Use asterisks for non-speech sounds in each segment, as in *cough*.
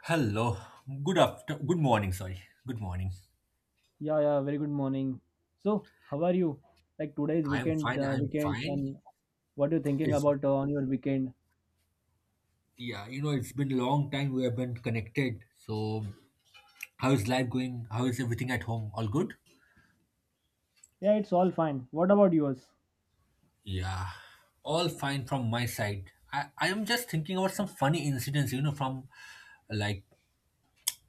Hello. Good after. Good morning. Sorry. Good morning. Yeah, yeah, very good morning. So, how are you? Like today's I'm weekend, fine. I'm fine. and what you thinking It's about on your weekend? yeah. You know, it's been a long time we have been connected. So, how is life going? How is everything at home? All good? Yeah, it's all fine. What about yours? Yeah. All fine from my side. I am just thinking about some funny incidents. You know, from like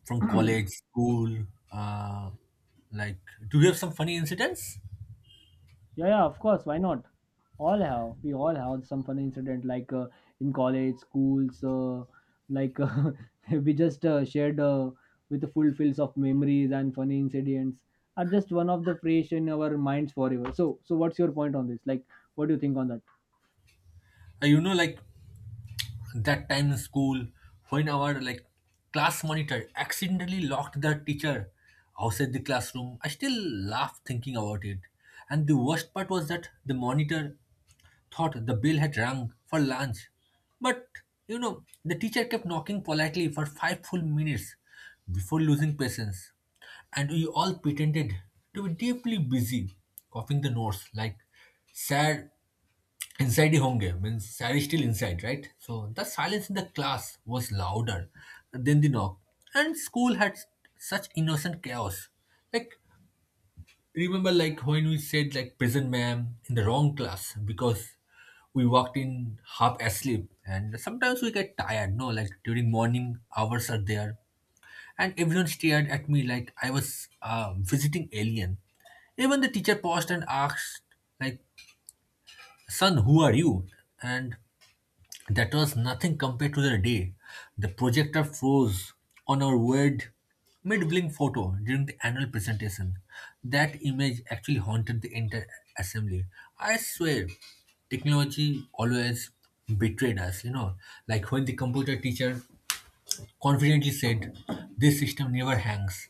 from college, school. Uh, like, do you have some funny incidents? Yeah, yeah, of course. Why not? All have. We all have some fun incident like in college, schools. Like *laughs* we just shared with the full fills of memories and funny incidents are just one of the fresh in our minds forever. So, so what's your point on this? Like, what do you think on that? You know, like that time in school when our class monitor accidentally locked the teacher outside the classroom. I still laugh thinking about it. And the worst part was that the monitor thought the bell had rung for lunch, but you know, the teacher kept knocking politely for 5 full minutes before losing patience, and we all pretended to be deeply busy copying the notes like sad. Inside the home game, means I was still inside, right? So the silence in the class was louder than the knock. And school had such innocent chaos. Like, remember like when we said like present ma'am in the wrong class because we walked in half asleep and sometimes we get tired, no? Like during morning hours are there. And everyone stared at me like I was a visiting alien. Even the teacher paused and asked, like, son, who are you? And that was nothing compared to the day the projector froze on our weird mid-blink photo during the annual presentation. That image actually haunted the entire assembly. I swear, technology always betrayed us, you know. Like when the computer teacher confidently said, this system never hangs.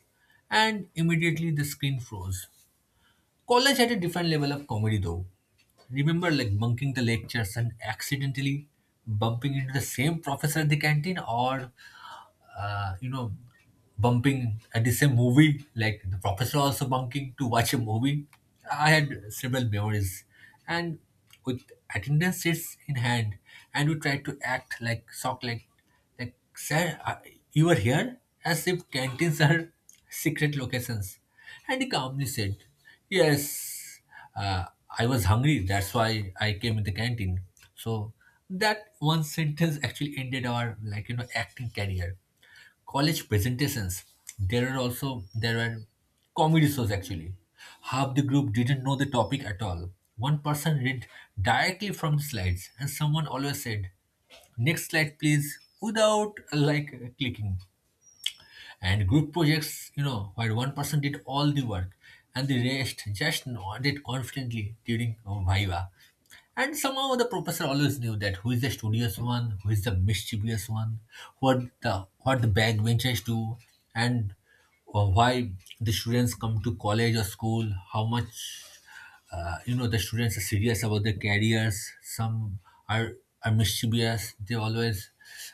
And immediately the screen froze. College had a different level of comedy though. Remember like bunking the lectures and accidentally bumping into the same professor at the canteen, or you know, bumping at the same movie, like the professor also bunking to watch a movie. I had several memories. And with attendance sheets in hand, and we tried to act like shock, like sir, you were here? As if canteens are *laughs* secret locations. And he calmly said, yes, uh, I was hungry. That's why I came in the canteen. So that one sentence actually ended our like you know acting career. College presentations, there were comedy shows actually. Half the group didn't know the topic at all. One person read directly from the slides, and someone always said next slide please without like clicking. And group projects, you know, where one person did all the work and the rest just nodded confidently during viva. And somehow the professor always knew that who is the studious one, who is the mischievous one, what the backbenchers do, and why the students come to college or school, how much you know the students are serious about their careers. Some are are mischievous. They always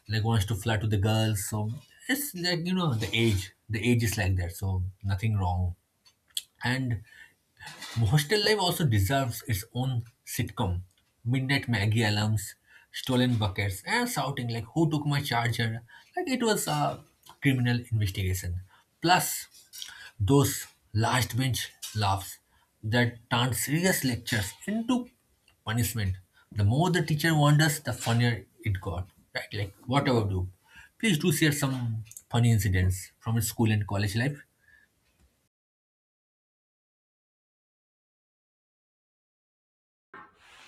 like wants to flirt with the girls. So it's like you know the age. The age is like that. So nothing wrong. And hostel life also deserves its own sitcom. Midnight Maggie alarms, stolen buckets, and shouting like "Who took my charger?" Like it was a criminal investigation. Plus, those last bench laughs that turn serious lectures into punishment. The more the teacher wonders, the funnier it got. Right? Like whatever do, please do share some funny incidents from your school and college life.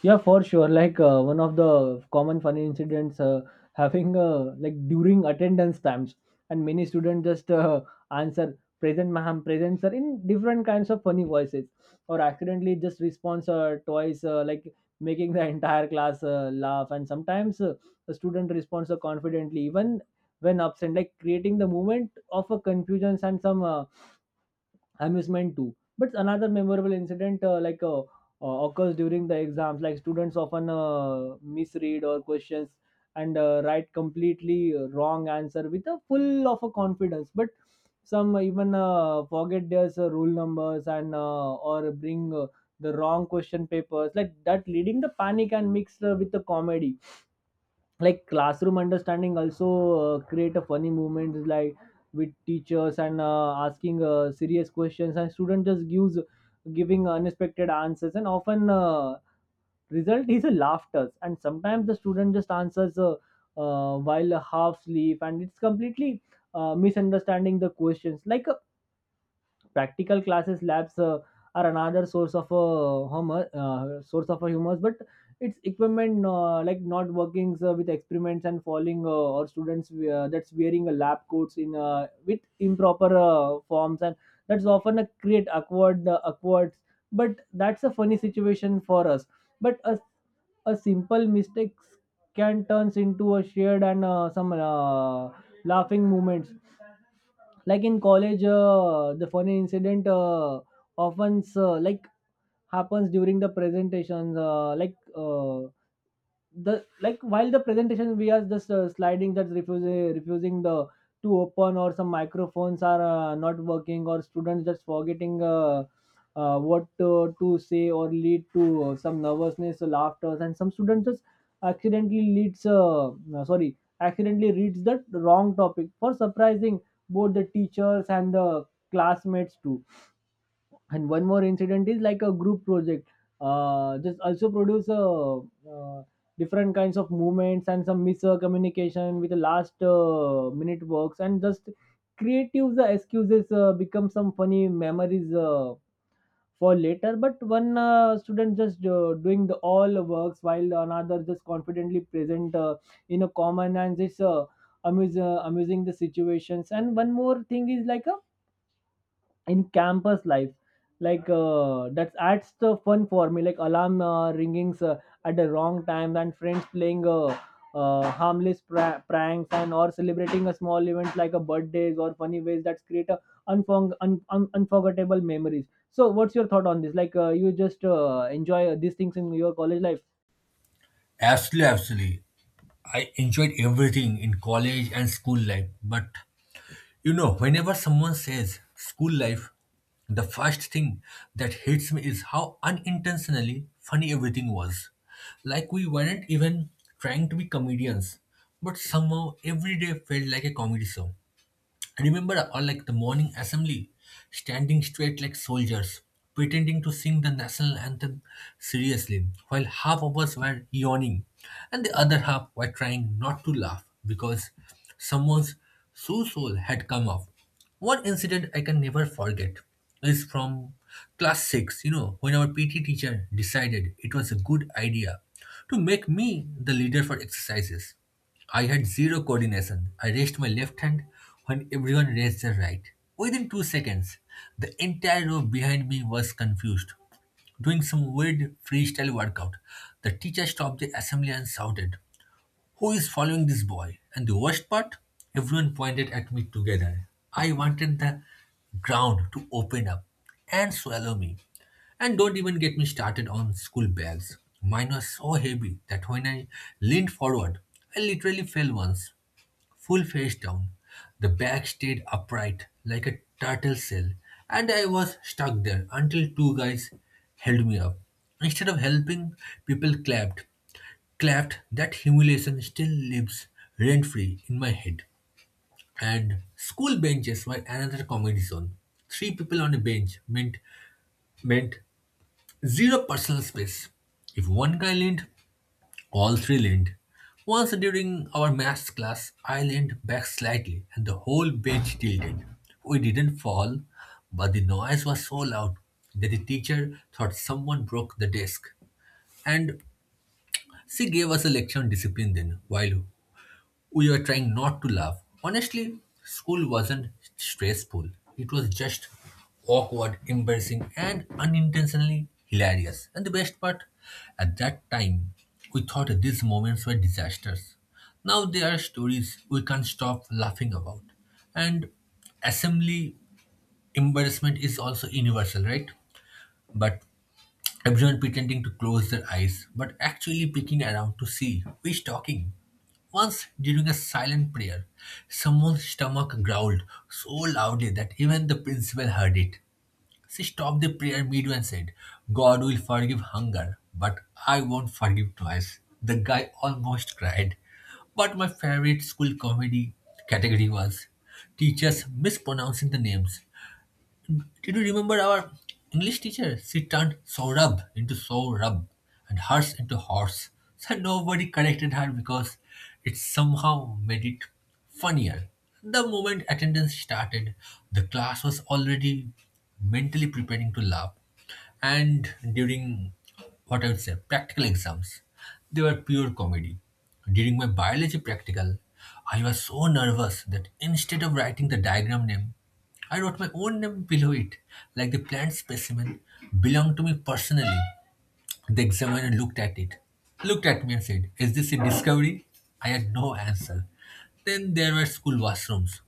Yeah, for sure. Like one of the common funny incidents having like during attendance times, and many students just answer present ma'am, present sir in different kinds of funny voices, or accidentally just response twice, like making the entire class laugh. And sometimes the student responds confidently even when absent, like creating the moment of a confusion and some. Amusement too. But another memorable incident occurs during the exams, like students often misread or questions and write completely wrong answer with a full of a confidence. But some even forget their rule numbers and or bring the wrong question papers like that, leading the panic and mixed with the comedy like classroom understanding also create a funny moments like with teachers and asking serious questions and student just gives giving unexpected answers and often result is a laughter and sometimes the student just answers while half sleep and it's completely misunderstanding the questions like practical classes labs are another source of a humor, but it's equipment like not working with experiments and falling or students that's wearing a lab coats in with improper forms and that's often a create awkward but that's a funny situation for us but a simple mistakes can turns into a shared and some laughing moments like in college the funny incident often like happens during the presentations like the like while the presentation we are just sliding that's refusing the to open or some microphones are not working or students just forgetting what to say or lead to some nervousness or laughter and some students just accidentally leads no, sorry accidentally reads the wrong topic for surprising both the teachers and the classmates too. And one more incident is like a group project. Just also produce uh, different kinds of movements and some miscommunication with the last minute works and just creative the excuses become some funny memories for later. But one student just doing the all works while another just confidently present in a common and just amusing the situations. And one more thing is like a in campus life like that's adds the fun for me like alarm ringings at the wrong time and friends playing harmless pranks and or celebrating a small event like a birthdays or funny ways that create a unforgettable memories. So what's your thought on this? Like you just enjoy these things in your college life? Absolutely, absolutely. I enjoyed everything in college and school life. But you know, whenever someone says school life, the first thing that hits me is how unintentionally funny everything was. Like we weren't even trying to be comedians, but somehow every day felt like a comedy show. I remember all like the morning assembly, standing straight like soldiers, pretending to sing the national anthem seriously, while half of us were yawning and the other half were trying not to laugh because someone's shoe sole had come off. One incident I can never forget is from class 6, you know, when our PT teacher decided it was a good idea to make me the leader for exercises. I had zero coordination. I raised my left hand when everyone raised their right. Within 2 seconds, the entire row behind me was confused, doing some weird freestyle workout. The teacher stopped the assembly and shouted, who is following this boy? And the worst part? Everyone pointed at me together. I wanted the ground to open up and swallow me. And don't even get me started on school bags. Mine was so heavy that when I leaned forward, I literally fell once, full face down. The bag stayed upright like a turtle shell, and I was stuck there until two guys held me up. Instead of helping, people clapped. That humiliation still lives rent free in my head. And school benches were another comedy zone. Three people on a bench meant zero personal space. If one guy leaned, all three leaned. Once during our maths class, I leaned back slightly and the whole bench tilted. We didn't fall, but the noise was so loud that the teacher thought someone broke the desk. And she gave us a lecture on discipline then, while we were trying not to laugh. Honestly, school wasn't stressful. It was just awkward, embarrassing, and unintentionally hilarious. And the best part, at that time, we thought these moments were disasters. Now there are stories we can't stop laughing about. And assembly embarrassment is also universal, right? But everyone pretending to close their eyes but actually peeking around to see who is talking. Once during a silent prayer, someone's stomach growled so loudly that even the principal heard it. She stopped the prayer midway and said, God will forgive hunger, but I won't forgive twice. The guy almost cried. But my favorite school comedy category was teachers mispronouncing the names. Did you remember our English teacher? She turned Saurabh into Saurabh and horse into horse. So nobody corrected her because it somehow made it funnier. The moment attendance started, the class was already mentally preparing to laugh. And during what I would say, practical exams, they were pure comedy. During my biology practical, I was so nervous that instead of writing the diagram name, I wrote my own name below it, like the plant specimen belonged to me personally. The examiner looked at it, looked at me and said, is this a discovery? I had no answer. Then there were school washrooms,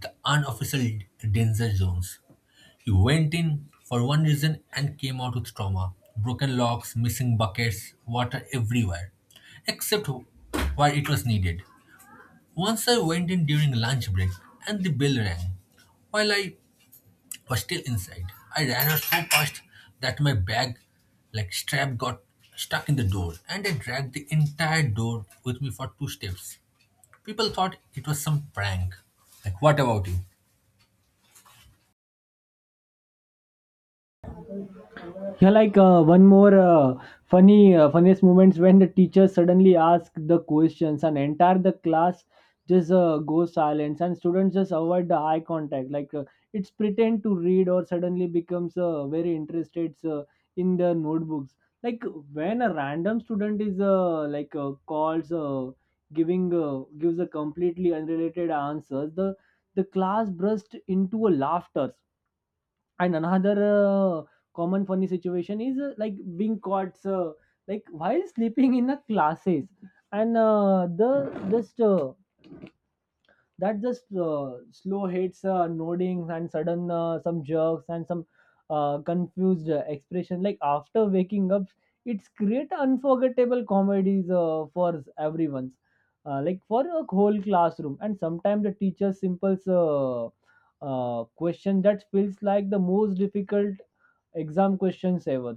the unofficial danger zones. He went in for one reason and came out with trauma. Broken locks, missing buckets, water everywhere, except where it was needed. Once I went in during lunch break and the bell rang. While I was still inside, I ran out so fast that my bag, like strap, got stuck in the door and I dragged the entire door with me for 2 steps. People thought it was some prank. Like, what about you? Yeah, like one more funniest moments when the teacher suddenly asks the questions and entire the class just goes silent and students just avoid the eye contact. Like it's pretend to read or suddenly becomes very interested in the notebooks. Like when a random student is like calls giving gives a completely unrelated answers, the class burst into a laughter. And another common funny situation is like being caught like while sleeping in the classes, and the just that just slow hits, noddings, and sudden some jerks and some confused expression. Like after waking up, it's create unforgettable comedies for everyone's, like for a whole classroom. And sometimes the teacher simple question that feels like the most difficult exam questions ever.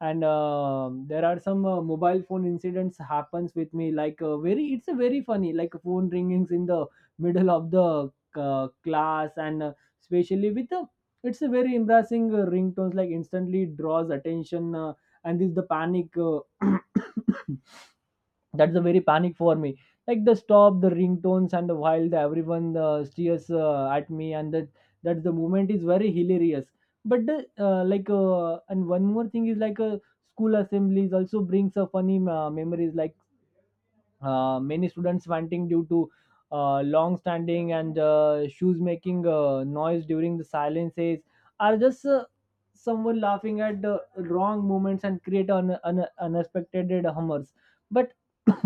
And there are some mobile phone incidents happens with me, like very it's a very funny like phone ringings in the middle of the class, and especially with it's a very embarrassing ringtones like instantly draws attention, and this the panic *coughs* that's a very panic for me like the stop the ringtones and the while the everyone stares at me, and that the moment is very hilarious. But the and one more thing is like a school assemblies also brings a funny memories, like many students wanting due to long standing and shoes making noise during the silences are just someone laughing at the wrong moments and create unexpected hummers. But *clears throat*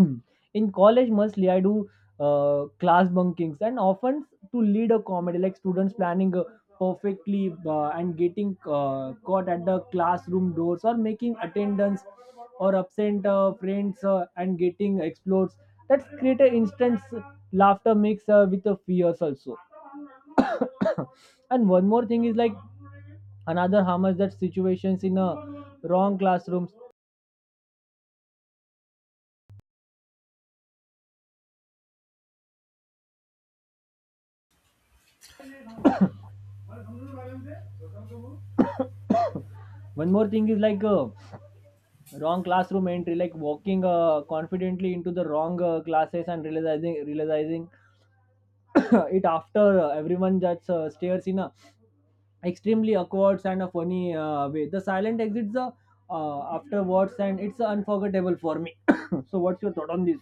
in college mostly I do class bunkings, and often to lead a comedy like students planning perfectly and getting caught at the classroom doors or making attendance or absent friends and getting explodes. That's create an instant laughter mix with the fears also. *coughs* And one more thing is like another harm is that situations in a wrong classrooms. *coughs* One more thing is like wrong classroom entry like walking confidently into the wrong classes and realizing *coughs* it after everyone just stares in a extremely awkward and a funny way. The silent exits the afterwards, and it's unforgettable for me. *coughs* So what's your thought on this?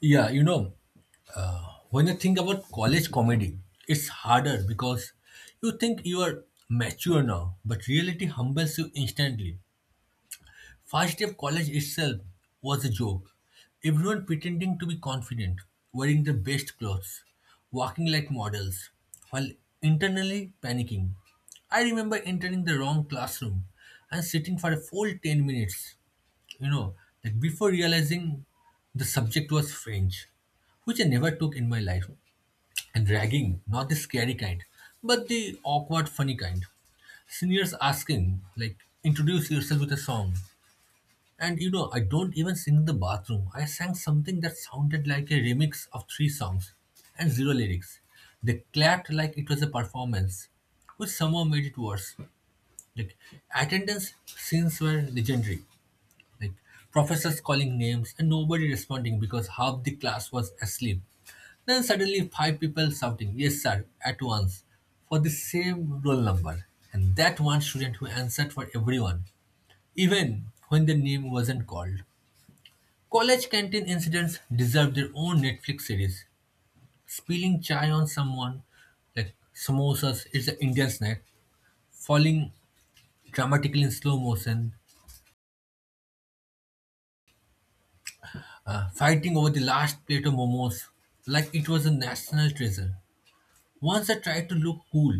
Yeah, you know, when you think about college comedy, it's harder because you think you are mature now, but reality humbles you instantly. First day of college itself was a joke. Everyone pretending to be confident, wearing their best clothes, walking like models, while internally panicking. I remember entering the wrong classroom and sitting for a full 10 minutes, you know, like before realizing the subject was French, which I never took in my life. Dragging, not the scary kind, but the awkward, funny kind. Seniors asking, like, introduce yourself with a song. And you know, I don't even sing in the bathroom. I sang something that sounded like a remix of 3 songs and zero lyrics. They clapped like it was a performance, which somehow made it worse. Like, attendance scenes were legendary. Like, professors calling names and nobody responding because half the class was asleep. Then suddenly five people shouting, yes sir, at once, for the same roll number. And that one student who answered for everyone, even when their name wasn't called. College canteen incidents deserve their own Netflix series. Spilling chai on someone, like samosas, it's an Indian snack, falling dramatically in slow motion, fighting over the last plate of momos, like it was a national treasure. Once I tried to look cool,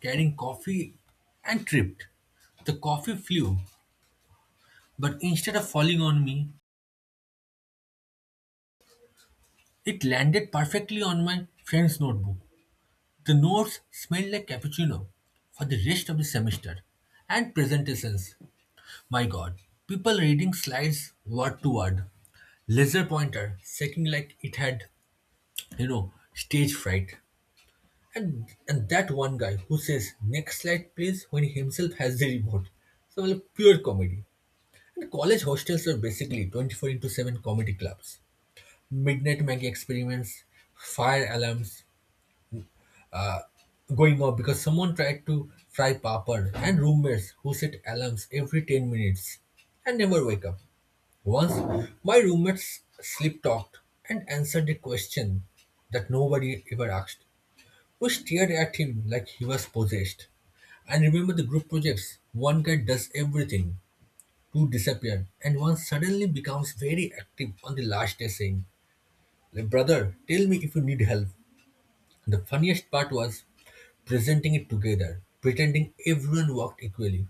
carrying coffee and tripped. The coffee flew, but instead of falling on me, it landed perfectly on my friend's notebook. The notes smelled like cappuccino for the rest of the semester. And presentations. My god, people reading slides word to word. Laser pointer shaking like it had, you know, stage fright. And that one guy who says next slide please when he himself has the remote. So well, pure comedy. The college hostels were basically 24 into 7 comedy clubs, midnight Maggie experiments, fire alarms uh, going off because someone tried to fry papad, and roommates who set alarms every 10 minutes and never wake up. Once, my roommates sleep talked and answered a question that nobody ever asked. We stared at him like he was possessed. And remember the group projects. One guy does everything who disappeared, and one suddenly becomes very active on the last day saying, "Like, brother, tell me if you need help." The funniest part was presenting it together, pretending everyone worked equally.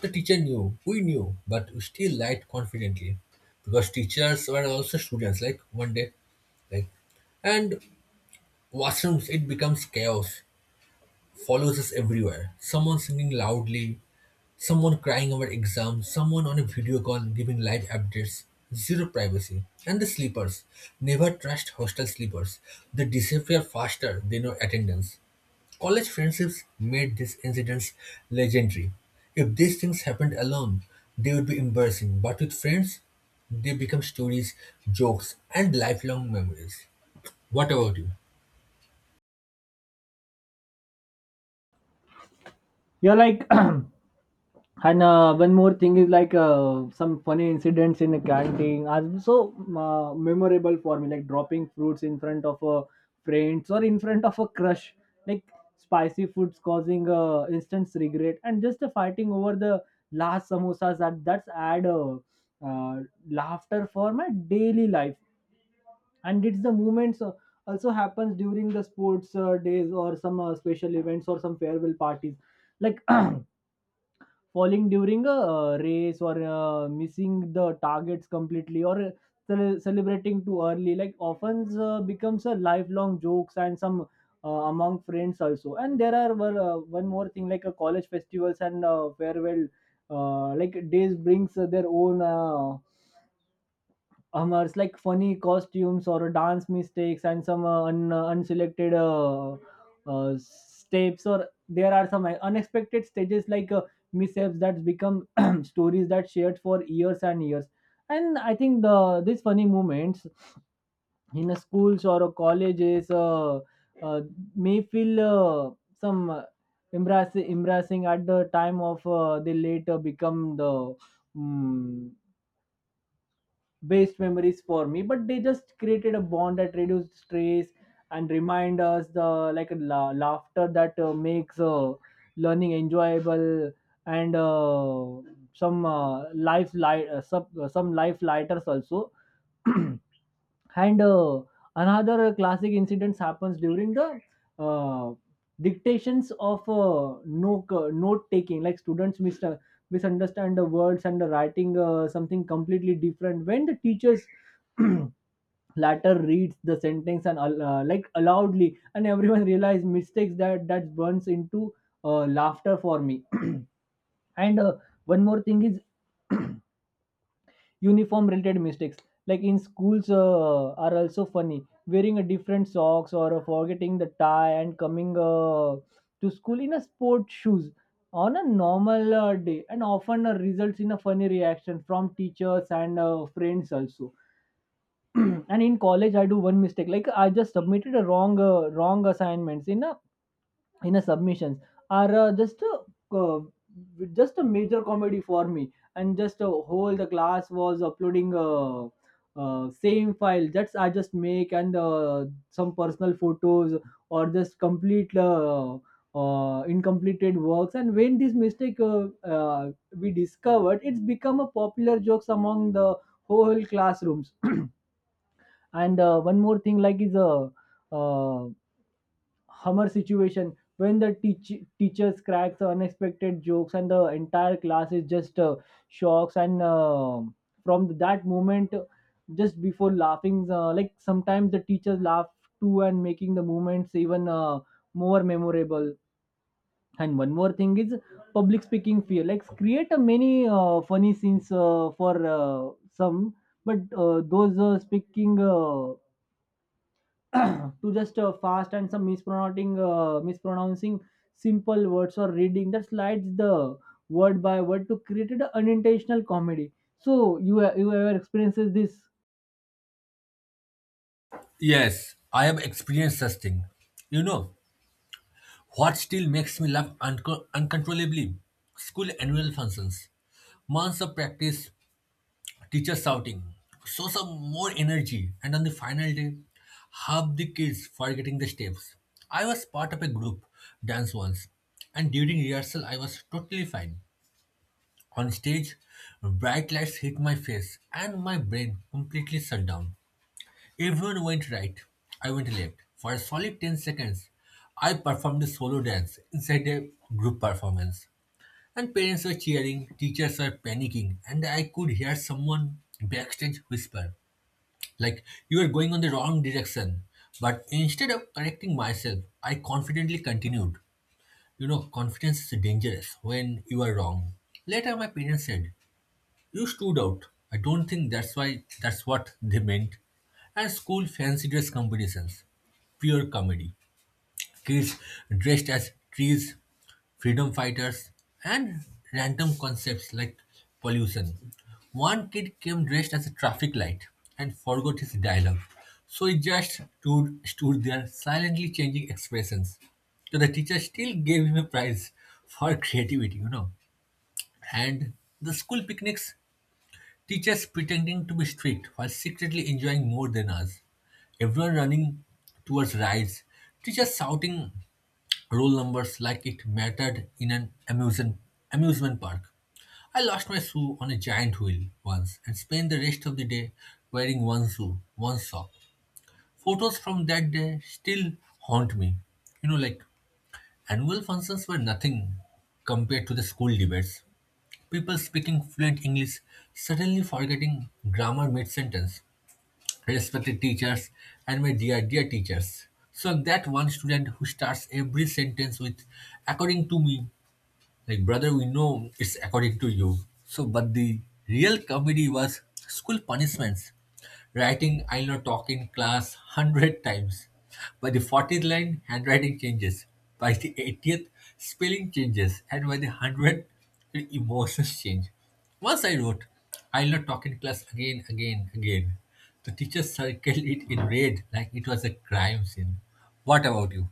The teacher knew, we knew, but we still lied confidently. Because teachers were also students, like one day, like and washrooms, it becomes chaos, follows us everywhere. Someone singing loudly, someone crying over exams, someone on a video call giving live updates, zero privacy. And the sleepers. Never trust hostel sleepers. They disappear faster than your attendance. College friendships made these incidents legendary. If these things happened alone, they would be embarrassing. But with friends, they become stories, jokes, and lifelong memories. What about you? You're like *coughs* and one more thing is like some funny incidents in the canteen are so memorable for me, like dropping fruits in front of a friends or in front of a crush, like spicy foods causing instant regret, and just the fighting over the last samosas, that's add uh, laughter for my daily life. And it's the moments also happens during the sports days or some special events or some farewell parties, like. *clears throat* Falling during a race or missing the targets completely or celebrating too early like often becomes a lifelong jokes and some among friends also. And there are one more thing like a college festivals and farewell like days brings their own humors, like funny costumes or dance mistakes and some unselected steps, or there are some unexpected stages like mishaps that become *clears throat* stories that shared for years and years. And I think the these funny moments in a schools or a colleges uh, may feel some embarrassing at the time of they later become the mm best memories for me, but they just created a bond that reduced stress and remind us the like laughter that makes learning enjoyable and some some life lighters also. *clears throat* And another classic incidents happens during the uh, dictations of no note taking, like students misunderstand the words and the writing something completely different. When the teachers *clears throat* latter reads the sentence and like aloudly, and everyone realize mistakes that burns into laughter for me. *clears throat* And one more thing is *clears throat* uniform related mistakes like in schools are also funny, wearing a different socks or forgetting the tie and coming to school in a sport shoes on a normal day, and often results in a funny reaction from teachers and friends also. *clears throat* And in college I do one mistake, like I just submitted a wrong assignments in a submissions are just a major comedy for me, and just a whole the class was uploading same file that's I just make, and some personal photos or just complete incompleted works. And when this mistake we discovered, it's become a popular jokes among the whole classrooms. And one more thing like is a uh, hummer situation when the teachers cracks unexpected jokes and the entire class is just shocks, and from that moment just before laughing, like sometimes the teachers laugh too and making the moments even more memorable. And one more thing is public speaking fear like create a many funny scenes for some, but those speaking *clears throat* to just fast and some mispronouncing simple words or reading that slides the word by word to create an unintentional comedy. So you you ever experiences this? Yes, I have experienced such thing. You know, what still makes me laugh uncontrollably? School annual functions. Months of practice, teachers shouting, show some more energy, and on the final day, half the kids forgetting the steps. I was part of a group dance once, and during rehearsal, I was totally fine. On stage, bright lights hit my face, and my brain completely shut down. Everyone went right. I went left. For a solid 10 seconds, I performed a solo dance inside a group performance. And parents were cheering, teachers were panicking, and I could hear someone backstage whisper, like, you are going on the wrong direction. But instead of correcting myself, I confidently continued. You know, confidence is dangerous when you are wrong. Later, my parents said, you stood out. I don't think that's why that's what they meant. And school fancy dress competitions. Pure comedy. Kids dressed as trees, freedom fighters, and random concepts like pollution. One kid came dressed as a traffic light and forgot his dialogue. So he just stood there silently changing expressions. So the teacher still gave him a prize for *laughs* creativity, And the school picnics. Teachers pretending to be strict while secretly enjoying more than us. Everyone running towards rides. Teachers shouting roll numbers like it mattered in an amusement park. I lost my shoe on a giant wheel once and spent the rest of the day wearing one shoe, one sock. Photos from that day still haunt me. You know, like annual functions were nothing compared to the school debates. People speaking fluent English suddenly forgetting grammar mid-sentence. Respected teachers and my dear teachers. So that one student who starts every sentence with, according to me, like, brother, we know it's according to you. So, but the real comedy was school punishments. Writing, I know, talk in class 100 times. By the 40th line, handwriting changes. By the 80th, spelling changes. And by the 100th, the emotions change. Once I wrote, I'll not talk in class again. The teacher circled it in red like it was a crime scene. What about you?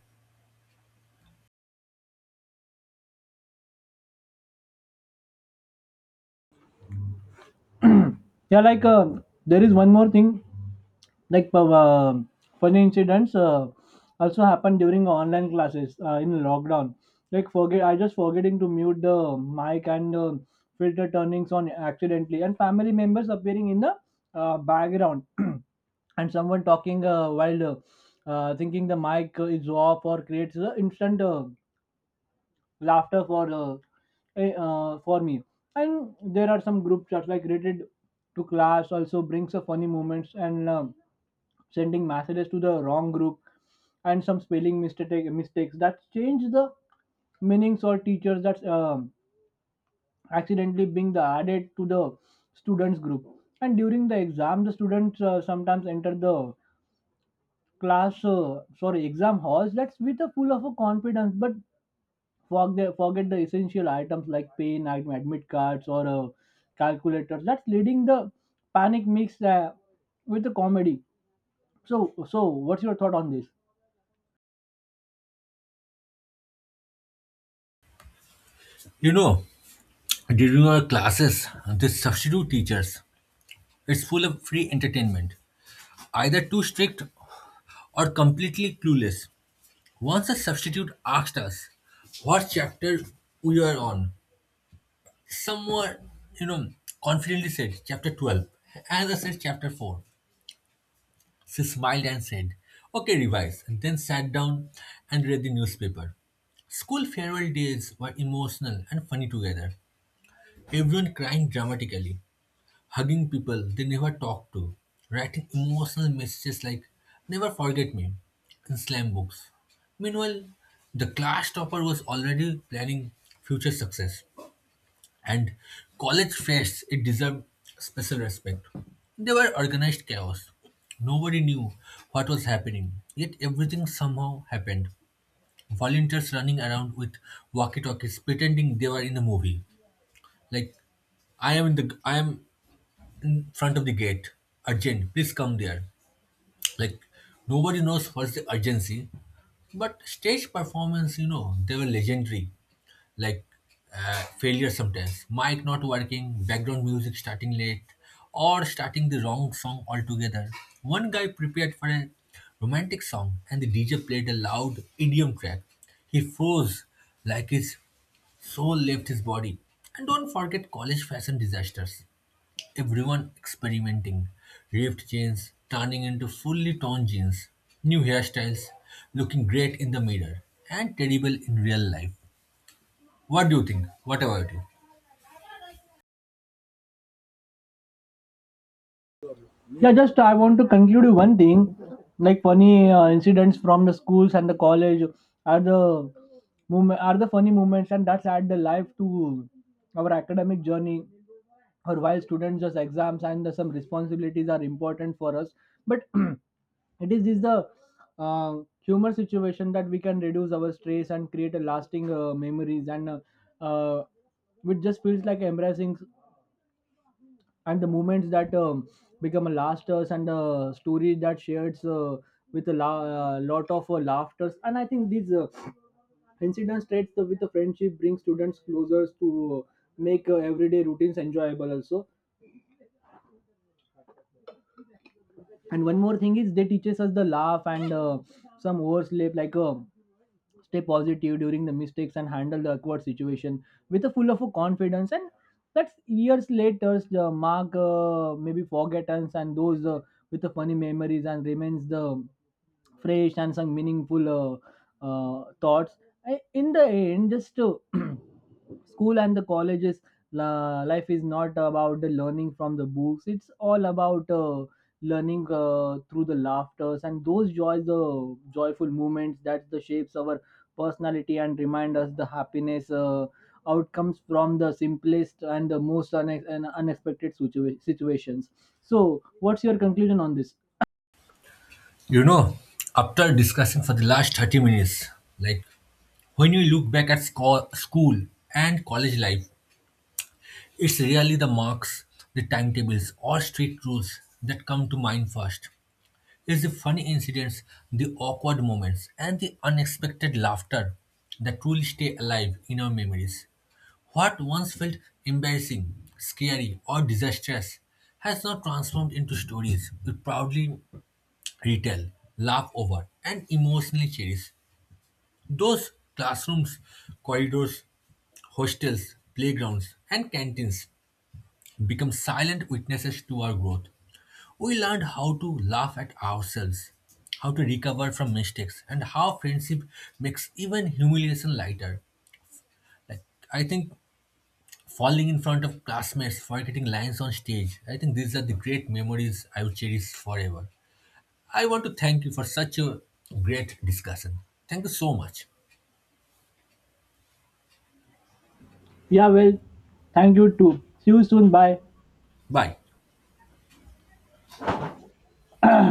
Yeah, like there is one more thing like funny incidents also happen during online classes in lockdown, like forget I just forgetting to mute the mic and filter turnings on accidentally and family members appearing in the background *clears throat* and someone talking while thinking the mic is off or creates instant laughter for for me. And there are some group chats like related to class also brings a funny moments, and sending messages to the wrong group, and some spelling mistakes that change the meanings, or teachers that accidentally being the added to the students group. And during the exam the students sometimes enter the class sorry exam halls let's with a full of a confidence, but forget the essential items like pen, admit cards, or calculators that's leading the panic mix with the comedy. So so what's your thought on this? You know, during our classes, the substitute teachers, it's full of free entertainment, either too strict or completely clueless. Once a substitute asked us what chapter we were on, someone, you know, confidently said chapter 12, and I said chapter 4. She smiled and said, okay, revise, and then sat down and read the newspaper. School farewell days were emotional and funny together, everyone crying dramatically, hugging people they never talk to, writing emotional messages like never forget me in slam books. Meanwhile, the class topper was already planning future success. And college fests, it deserved special respect. They were organized chaos. Nobody knew what was happening, yet everything somehow happened. Volunteers running around with walkie-talkies pretending they were in a movie. Like I am in front of the gate. Urgent, please come there. Like nobody knows what's the urgency. But stage performance, you know, they were legendary. Like failure sometimes. Mic not working, background music starting late, or starting the wrong song altogether. One guy prepared for a romantic song and the DJ played a loud idiom track. He froze like his soul left his body. And don't forget college fashion disasters. Everyone experimenting. Ripped jeans turning into fully torn jeans. New hairstyles looking great in the mirror and terrible in real life. What do you think? What about you? Yeah, just I want to conclude with one thing like funny incidents from the schools and the college are the moment are the funny moments, and that's add the life to our academic journey or while students just exams and some responsibilities are important for us. But *clears throat* it is this the uh, humor situation that we can reduce our stress and create a lasting memories, and uh, it just feels like embracing and the moments that um become a lasters, and stories that shares with a lot of laughters. And I think these incidents traits the, with the friendship bring students closer to make everyday routines enjoyable also. And one more thing is they teaches us the laugh and some oversleep like stay positive during the mistakes and handle the awkward situation with a full of a confidence. And that's years later the mark maybe forgettance, and those with the funny memories and remains the fresh and some meaningful thoughts. I, in the end, just *clears throat* school and the colleges life is not about the learning from the books. It's all about learning through the laughters and those joys, the joyful moments that the shapes our personality and remind us the happiness. Outcomes from the simplest and the most une- and unexpected situations. So what's your conclusion on this? You know, after discussing for the last 30 minutes, like when you look back at school and college life, it's really the marks, the timetables, or strict rules that come to mind first. It's the funny incidents, the awkward moments, and the unexpected laughter that truly stay alive in our memories. What once felt embarrassing, scary, or disastrous has now transformed into stories we proudly retell, laugh over, and emotionally cherish. Those classrooms, corridors, hostels, playgrounds, and canteens become silent witnesses to our growth. We learned how to laugh at ourselves, how to recover from mistakes, and how friendship makes even humiliation lighter. Like I think falling in front of classmates, forgetting lines on stage, I think these are the great memories I will cherish forever. I want to thank you for such a great discussion. Thank you so much. Yeah, well, thank you too. See you soon. Bye. Bye.